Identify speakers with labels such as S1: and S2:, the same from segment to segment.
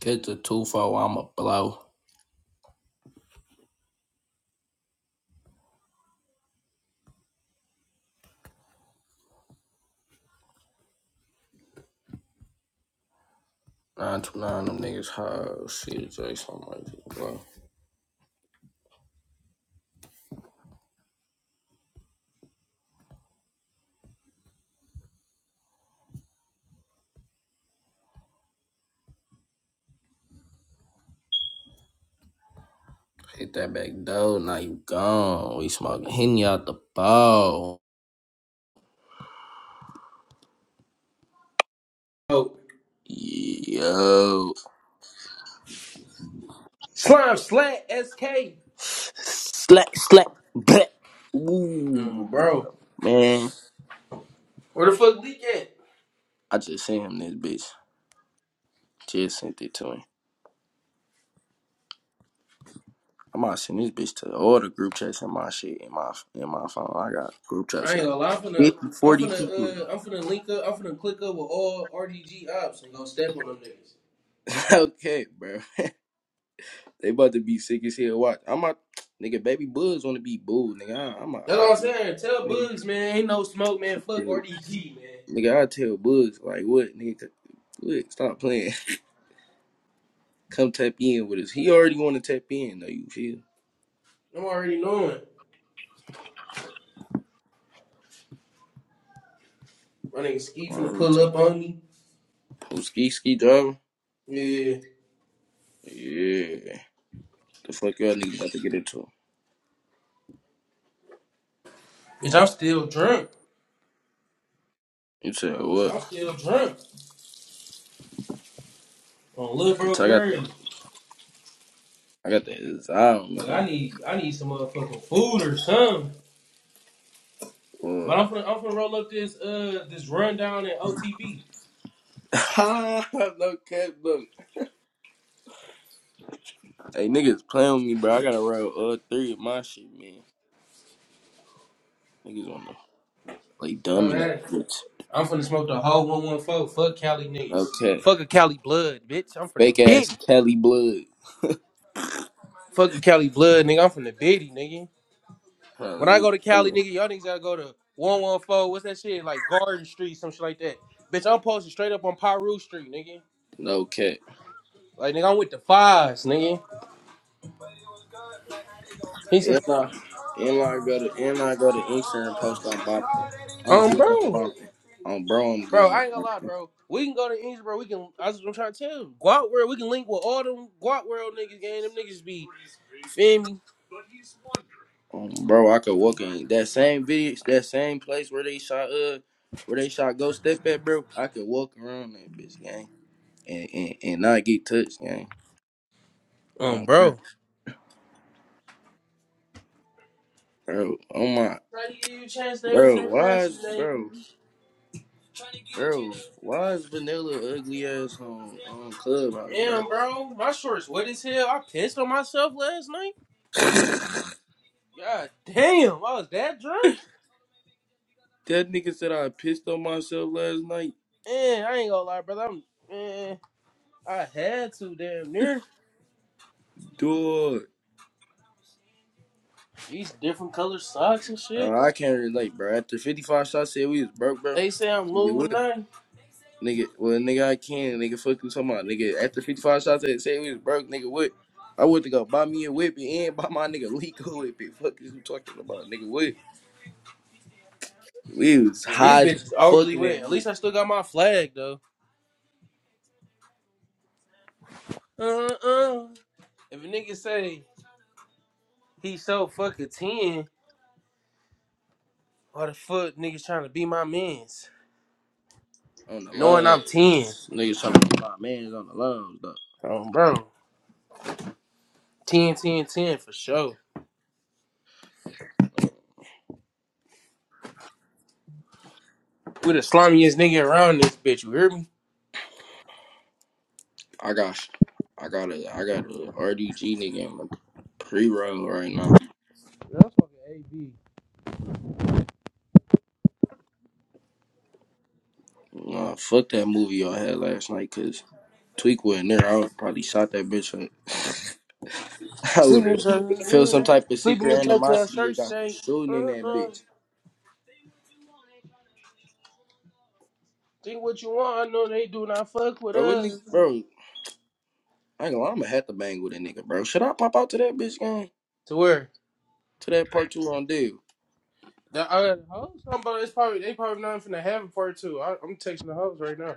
S1: Get the two four, I'ma blow. Nine two nine, them niggas hard. CJ, something like that, bro. Hit that back door, now you gone. We smoking Henny out the ball.
S2: Oh,
S1: Yo,
S2: slime slat SK.
S1: slack, slack, black.
S2: Mm,
S1: Ooh,
S2: bro,
S1: man,
S2: where the fuck leak at?
S1: I just sent him this bitch. Just sent it to him. I might send this bitch to all the group chats in my shit in my in my phone. I got group chats
S2: I ain't
S1: with
S2: gonna lie. I'm finna,
S1: 50,
S2: I'm
S1: forty people. in
S2: finna, uh, I'm finna link up. I'm finna click up with all RDG ops and go step on them niggas.
S1: it. okay, bro. They about to be sick as hell. Watch. I'm a nigga. Baby bugs want to be booed, nigga. I, I'm a
S2: That's all
S1: I,
S2: I'm saying. Tell
S1: nigga.
S2: Bugs, man, ain't no smoke, man.
S1: I
S2: Fuck
S1: tell,
S2: RDG, man.
S1: nigga, I tell Buzz like what, nigga. Look, stop playing. Come tap in with us. He already want to tap in though. You feel?
S2: I'm already knowing. My nigga Ski finna
S1: Um,
S2: pull up on me.
S1: who ski ski driving?
S2: Yeah,
S1: Yeah. The fuck y'all niggas about to get into?
S2: bitch, I'm still drunk.
S1: You said
S2: Bitch,
S1: what?
S2: I'm still drunk on Lil Bro
S1: Bitch, I got
S2: Green.
S1: that. I got that design on me,
S2: Like I
S1: man.
S2: need, I need some motherfucking food or something. But
S1: What?
S2: I'm finna, I'm finna roll up this uh this rundown in OTB.
S1: no cap, look. Hey, niggas playing with me, bro. I gotta ride with all three of my shit, man. Niggas wanna. Like
S2: Go
S1: dumb in the
S2: ahead.
S1: bitch.
S2: I'm finna smoke the whole 114. Fuck Cali
S1: No
S2: niggas.
S1: cat.
S2: Fuck a Cali blood, bitch. I'm from the
S1: Fake ass
S2: bitty.
S1: Kelly blood.
S2: Fuck a Cali blood, nigga. I'm from the bitty, nigga.
S1: Huh,
S2: When
S1: let
S2: I
S1: me
S2: go to Cali, nigga, y'all niggas gotta go to 114. What's that shit? Like Garden Street, some shit like that. Bitch, I'm posted straight up on Pyru Street, nigga.
S1: no cat.
S2: Like, nigga, I'm with the fives, nigga. He said,
S1: And I and I go to and I go to Inkster post on bumping. I'm
S2: um,
S1: good on
S2: bro.
S1: bumping. On bro, I'm good
S2: Bro,
S1: on
S2: I ain't gonna lie,
S1: bumping.
S2: bro. We can go to Inns, bro. We can. I was, I'm trying to tell you, Guap World. We can link with all them Guap World niggas. Gang, them niggas be feel me.
S1: Um, bro, I could walk in that same video that same place where they shot uh where they shot Go Step at bro, I could walk around that bitch gang and, and, and not get touched gang.
S2: Um,
S1: Um,
S2: bro.
S1: bro, oh my
S2: Trying to give you a chance. They was
S1: bro, why is
S2: procrastinating.
S1: bro Bro, why is Vanilla ugly ass on, on Clubhouse, bro?
S2: Damn, bro. My shorts wet as hell. I pissed on myself last night. God damn, I was that drunk.
S1: That nigga said I pissed on myself last night.
S2: Man, I ain't gonna lie, brother. I'm man. I had to damn near
S1: Dude.
S2: these different color socks and shit.
S1: Uh, I can't relate, bro. After 55 shots, I said we was broke, bro.
S2: They say I'm
S1: Nigga, what?
S2: Illuminati.
S1: Nigga, well, nigga, I can. Nigga, fuck you talking about. Nigga, after 55 shots, I said we was broke. Nigga, what? I went to go buy me a whip and buy my nigga Lico a whip Fuck is you talking about, nigga, what? We was
S2: Yeah, These
S1: high as
S2: bitches overly
S1: fucking
S2: wet.
S1: that
S2: At
S1: bitch
S2: least I still got my flag though. Uh-uh. If a nigga say he so fucking 10, why the fuck niggas trying to be my mans?
S1: on the
S2: Knowing I'm 10.
S1: lows. Niggas talking about my man's on the lows, though.
S2: Um, bro, ten, ten, ten for sure. We the slimiest nigga around this bitch, you hear me?
S1: I got, I got a, I got a R D G nigga in my pre-roll right now.
S2: Yeah, I'm fucking AB.
S1: Nah, fuck that movie y'all had last night, cause Tweak wasn't there. I would probably shot that bitch up. I would
S2: Sleeping in
S1: have felt
S2: the
S1: some
S2: trap,
S1: type of
S2: sleeping in
S1: secret
S2: the trap to our
S1: animosity.
S2: shirt
S1: It got the
S2: state.
S1: shooting in that
S2: Uh-uh.
S1: bitch,
S2: Think what you want, I know they do not fuck with
S1: bro. What
S2: us.
S1: nigga, bro? I ain't gonna, lie, I'ma have to bang with a nigga, bro. Should I pop out to that bitch game?
S2: To where?
S1: To that part two on deal?
S2: The uh, hoes? I'm about, it's probably, they probably not finna have a part two. I, I'm texting the hoes right now.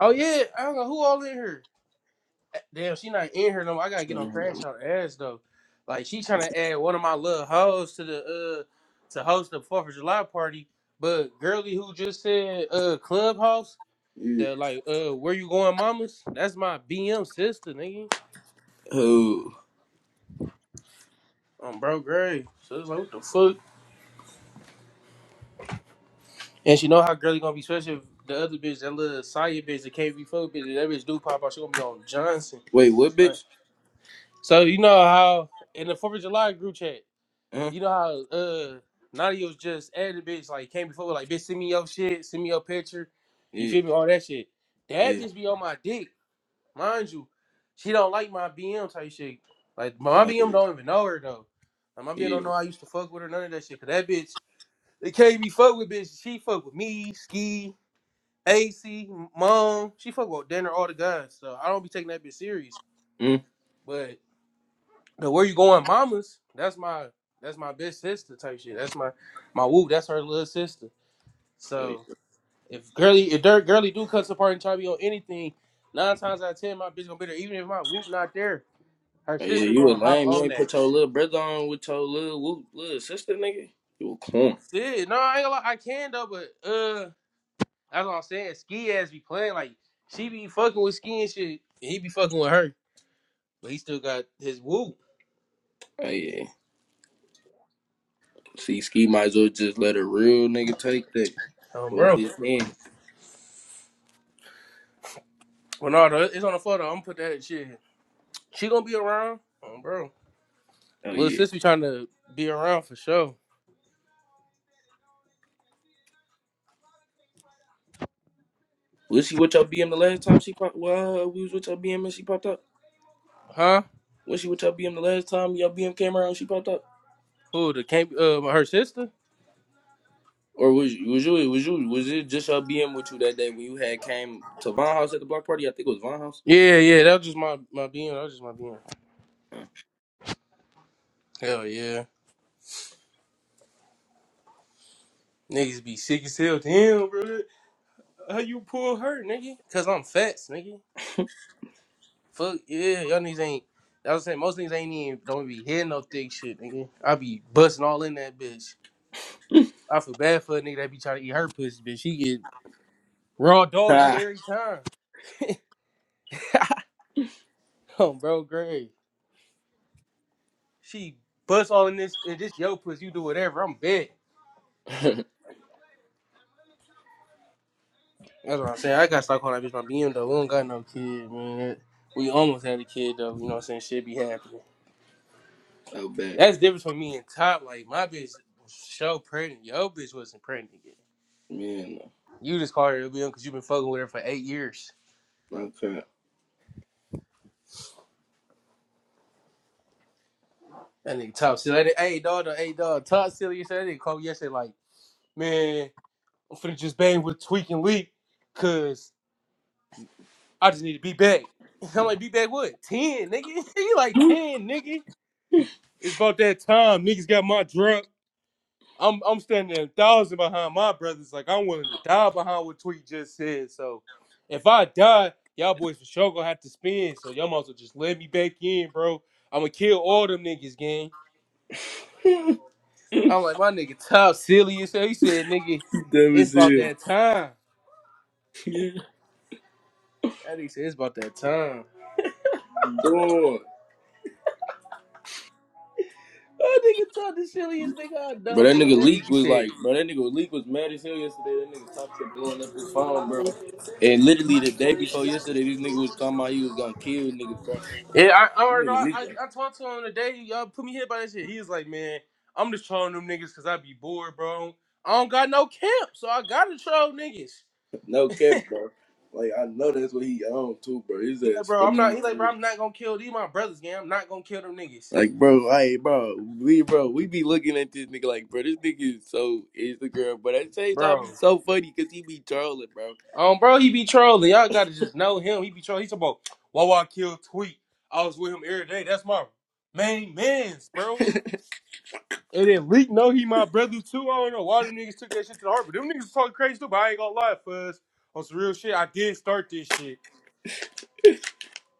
S2: Oh yeah, I don't know who all in here. Damn, she not in here no more. I gotta get on Crash Out Her Ass though. Like she trying to add one of my little hoes to the uh to host the Fourth of July party. But girly who just said uh clubhouse
S1: Yeah.
S2: that like uh where you going, mamas? That's my BM sister, nigga.
S1: Oh,
S2: Um, bro, Gray. So it's like what the fuck? And she know how girly gonna be special. If The other bitch, that little Saya bitch, the KV4 be fucked bitch. if That bitch do pop out. She gonna be on Johnson.
S1: wait, what
S2: Uh,
S1: bitch?
S2: So you know how in the Fourth of July group chat.
S1: Huh?
S2: You know how uh Nadia was just added bitch like came before like bitch send me your shit, send me your picture, you
S1: Yeah,
S2: feel me, all that shit. That
S1: yeah,
S2: bitch be on my dick, mind you. She don't like my BM type shit. Like my
S1: oh,
S2: BM don't even know her though. Like my BM
S1: yeah.
S2: don't know I used to fuck with her, none of that shit. Cause that bitch, the KB fuck with bitch, she fuck with me, Ski, AC, Mom. She fuck with dinner, all the guys. So I don't be taking that bitch serious.
S1: Mm?
S2: but. But where you going, mamas? That's my that's my big sister type shit. That's my my woo. That's her little sister.
S1: Oh, yeah.
S2: So if girly if dirt girly do cut apart and try to be on anything, nine times out of ten my bitch gonna be there. Even if my whoop not there, her
S1: Hey, yeah,
S2: sister
S1: you a
S2: gonna hop
S1: lame. You
S2: on
S1: ain't
S2: that.
S1: put your little brother on with your little whoop, little sister, nigga. You a corn.
S2: Shit, no, I ain't gonna lie, I can though, but uh, that's what I'm saying. Ski ass be playing like she be fucking with ski and shit. And he be fucking with her, but he still got his woo.
S1: Hey, yeah. See, Ski might as well just let a real nigga take that.
S2: Um,
S1: Both
S2: bro.
S1: his hands.
S2: Well, no, it's on the photo. I'm gonna put that shit. She gonna be around. Um, bro.
S1: Oh
S2: Little
S1: yeah.
S2: sis be trying to be around for sure.
S1: Was she with your BM the last time she popped? Well, we was with your BM and she popped up.
S2: Huh?
S1: Was she with your BM the last time your BM came around? and She popped up.
S2: Who the can't uh her sister?
S1: Or was you, was you was you was it just your BM with you that day when you had came to Von House at the block party? I think it was Von House.
S2: Yeah, yeah, that was just my my being. That was just my being. Hell yeah. Niggas be sick as hell. Damn, bro. How you pull her, nigga? Cause I'm fat, nigga. Fuck yeah, y'all niggas ain't I was saying most niggas ain't even don't be hitting no thick shit, nigga. I be busting all in that bitch. I feel bad for a nigga that be trying to eat her pussy, bitch. She get raw doggy
S1: Huh.
S2: every time. oh, bro, great. She bust all in this and this yo puss, you do whatever, I'm big. That's what I'm saying. I gotta start calling that bitch my BM though. We don't got no kid, man. We almost had a kid though, you know what I'm saying? Shit be happening.
S1: oh bad.
S2: That's the difference between me and Top. Like my bitch was so pregnant. Yo bitch wasn't pregnant yet.
S1: Man, no.
S2: You just call her a BM because you've been fucking with her for eight years.
S1: Okay.
S2: That nigga Top silly. That nigga- Hey dog, though, hey dog. Top silly yesterday. That nigga called me yesterday like, man, I'm finna just bang with Tweak and Leak cause I just need to be back. I'm like, be back what? 10, nigga? you like 10, nigga. It's about that time. Niggas got my drug. I'm I'm standing a thousand behind my brothers. Like I'm willing to die behind what Tweet just said. So if I die, y'all boys for sure gonna have to spend. So y'all might as well just let me back in, bro. I'ma kill all them niggas, gang. I'm like, my nigga top silly as hell. He said, nigga,
S1: that
S2: it's
S1: was
S2: about
S1: it.
S2: that time.
S1: Yeah.
S2: That nigga said it's about that time.
S1: Dog.
S2: That nigga top the silliest nigga I
S1: But
S2: know,
S1: that
S2: gang.
S1: nigga
S2: That
S1: Leak
S2: nigga
S1: was
S2: said.
S1: like, bro, that nigga Leak was mad as hell yesterday. That nigga top kept blowing up his phone, bro. And literally the day before yesterday, this nigga was talking about he was gonna kill niggas, bro.
S2: Yeah, I, I,
S1: This
S2: already know.
S1: nigga
S2: I,
S1: Leak
S2: I
S1: like,
S2: talked to him today. Y'all put me hit by that shit. He was like, man, I'm just trolling them niggas because I be bored, bro. I don't got no camp, so I gotta troll niggas.
S1: no cap, bro. Like I know that's what he owned too, bro. His
S2: He like,
S1: ass
S2: bro, I'm not.
S1: funny.
S2: He
S1: as
S2: like, bro,
S1: hell.
S2: I'm not gonna kill these my brothers, gang. I'm not gonna kill them niggas,
S1: Like, bro, hey, bro, we, bro, we be looking at this nigga like, bro, this nigga is so Instagram, but at the same time,
S2: bro.
S1: he's so funny because he be trolling, bro.
S2: Um, bro, he be trolling. Y'all gotta just know him. He be trolling. He's about, why I kill Tweet? I was with him every day. That's my main man's, bro. And then Leak know he my brother too. I don't know why them niggas took that shit to the heart, but them niggas talking crazy too. But I ain't gonna lie, Fuzz. On some real shit, I did start this shit.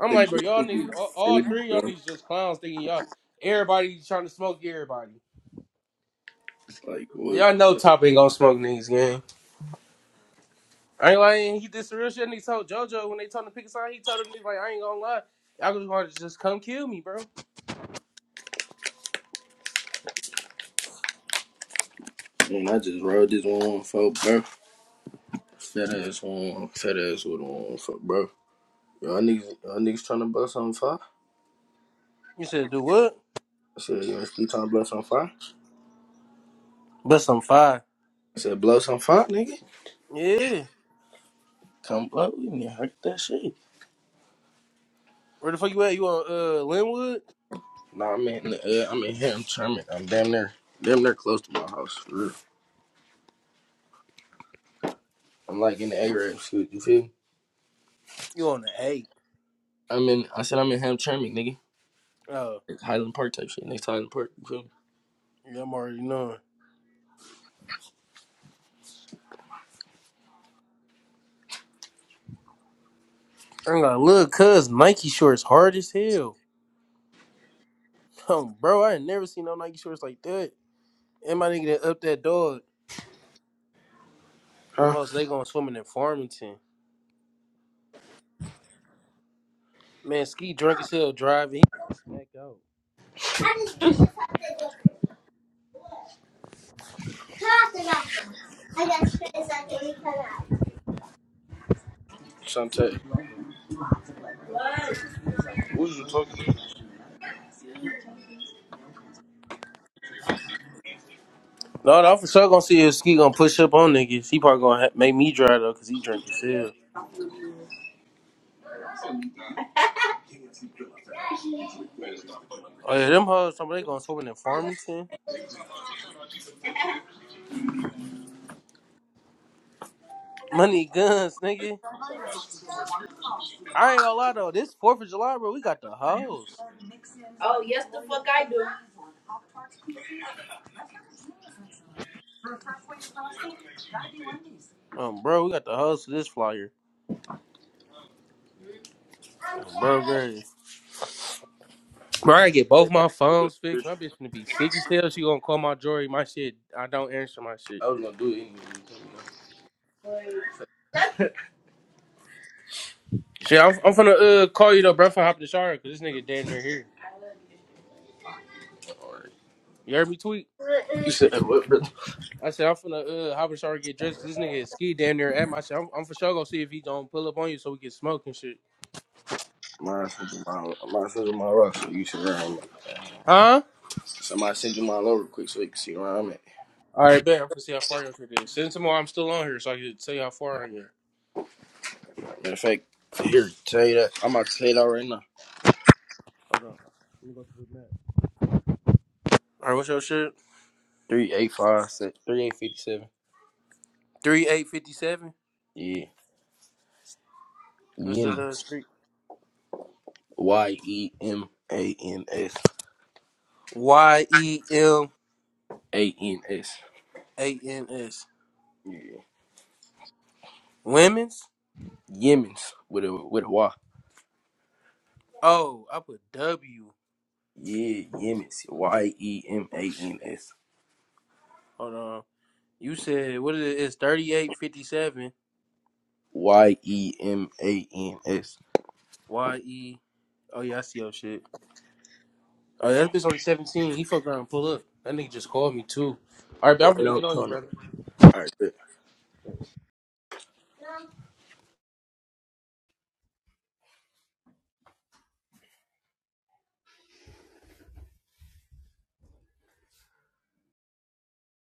S2: I'm
S1: Like,
S2: like, bro,
S1: bro,
S2: y'all
S1: this
S2: niggas,
S1: nigga is
S2: all, all
S1: funny,
S2: three of y'all
S1: bro.
S2: niggas just clowns thinking y'all, everybody trying to smoke everybody.
S1: Like, what?
S2: Y'all know Top ain't gonna smoke niggas, gang. I ain't lying, he did some real shit and he told JoJo when they told him to pick a side, he told them niggas, like, I ain't gonna lie, y'all just wanna just come kill me, bro.
S1: And I just rode this one for bro. Fat ass one, fat ass with one for bro. Y'all niggas, y'all niggas trying to blow something fire?
S2: You said, do what?
S1: I said, you ain't still trying to blow some fire?
S2: But some fire.
S1: I said, blow some fire, nigga.
S2: Yeah.
S1: Come blow with me, I get that shit.
S2: Where the fuck you at? You on, uh, Linwood?
S1: Nah, I'm in, the, uh, I'm in here, I'm charming. I'm damn near, damn near close to my house, for real. I'm like in the A-Rab shit, you feel me?
S2: You on the 8.
S1: I'm in, I said I'm in Hamtramck, nigga.
S2: "Oh."
S1: It's Highland Park type shit, next to Highland Park, you feel me?
S2: I'm already knowing. I ain't gonna look, cuz Nike shorts hard as hell. Um, bro, I ain't never seen no Nike shorts like that. And my nigga that up that dog, them
S1: Huh?
S2: hoes, they going swimming in Farmington. Man, Ski drunk as hell driving. He finna smack out.
S1: I just have to go. I got space I can leave out. Shante, who you talking to?
S2: No, no, I'm for sure gonna see if Ski gonna push up on niggas. He probably gonna ha- make me drive though, cause he drunk as hell. Oh yeah, them hoes, somebody they going swimming in Farmington. Money guns, nigga. I ain't gonna lie though, this 4th of July, bro, we got the hoes.
S1: Oh, yes, the fuck I do.
S2: Um, bro, we got the hoes for this flyer. Um, bro, great. Bro, I get both my phones fixed. My bitch gonna be sick as hell. She gonna call my jewelry. My shit, I don't answer my shit.
S1: I was gonna do it anyway.
S2: Shit, I'm, I'm finna uh, call you though, bro. I'm finna hop in the shower because this nigga damn near here. You heard me tweet?
S1: Alright. You said what, brother?
S2: I said, I'm finna uh, hop in the shower and get dressed because this nigga is ski damn near at my shit. I'm, I'm for sure gonna see if he don't pull up on you so we can smoke and shit.
S1: Mine send you my mine send you my rock so you see where I'm at.
S2: Huh?
S1: Somebody send you mine over quick so you can see where I'm at.
S2: All right, bet. I'm gonna see how far your shit is. Send tomorrow. I'm still on here so I can tell you how far I'm here.
S1: Matter of fact, here tell you that I'm about to tell you that right now.
S2: Hold on. Let me go through the map. All right, what's your shit?
S1: Three eight five six three eight fifty seven.
S2: 3857?
S1: Yeah,
S2: What's the uh,
S1: Yemen's
S2: street?
S1: Y E M A N S
S2: Y E M
S1: A N S.
S2: A N S.
S1: Yeah,
S2: Women's?
S1: Yemen's with a with a Y.
S2: Oh, I put W.
S1: Yeah, Yemas. Y E M A N S.
S2: Hold on. You said what is it? It's thirty eight fifty seven.
S1: Y E M A N S.
S2: Y E. Oh yeah, I see your shit. Oh yeah, that bitch only seventeen. He fuck around and pull up. That nigga just called me too. All right, but I'm
S1: Right
S2: finna
S1: on
S2: get on you,
S1: corner.
S2: brother.
S1: All right, bet.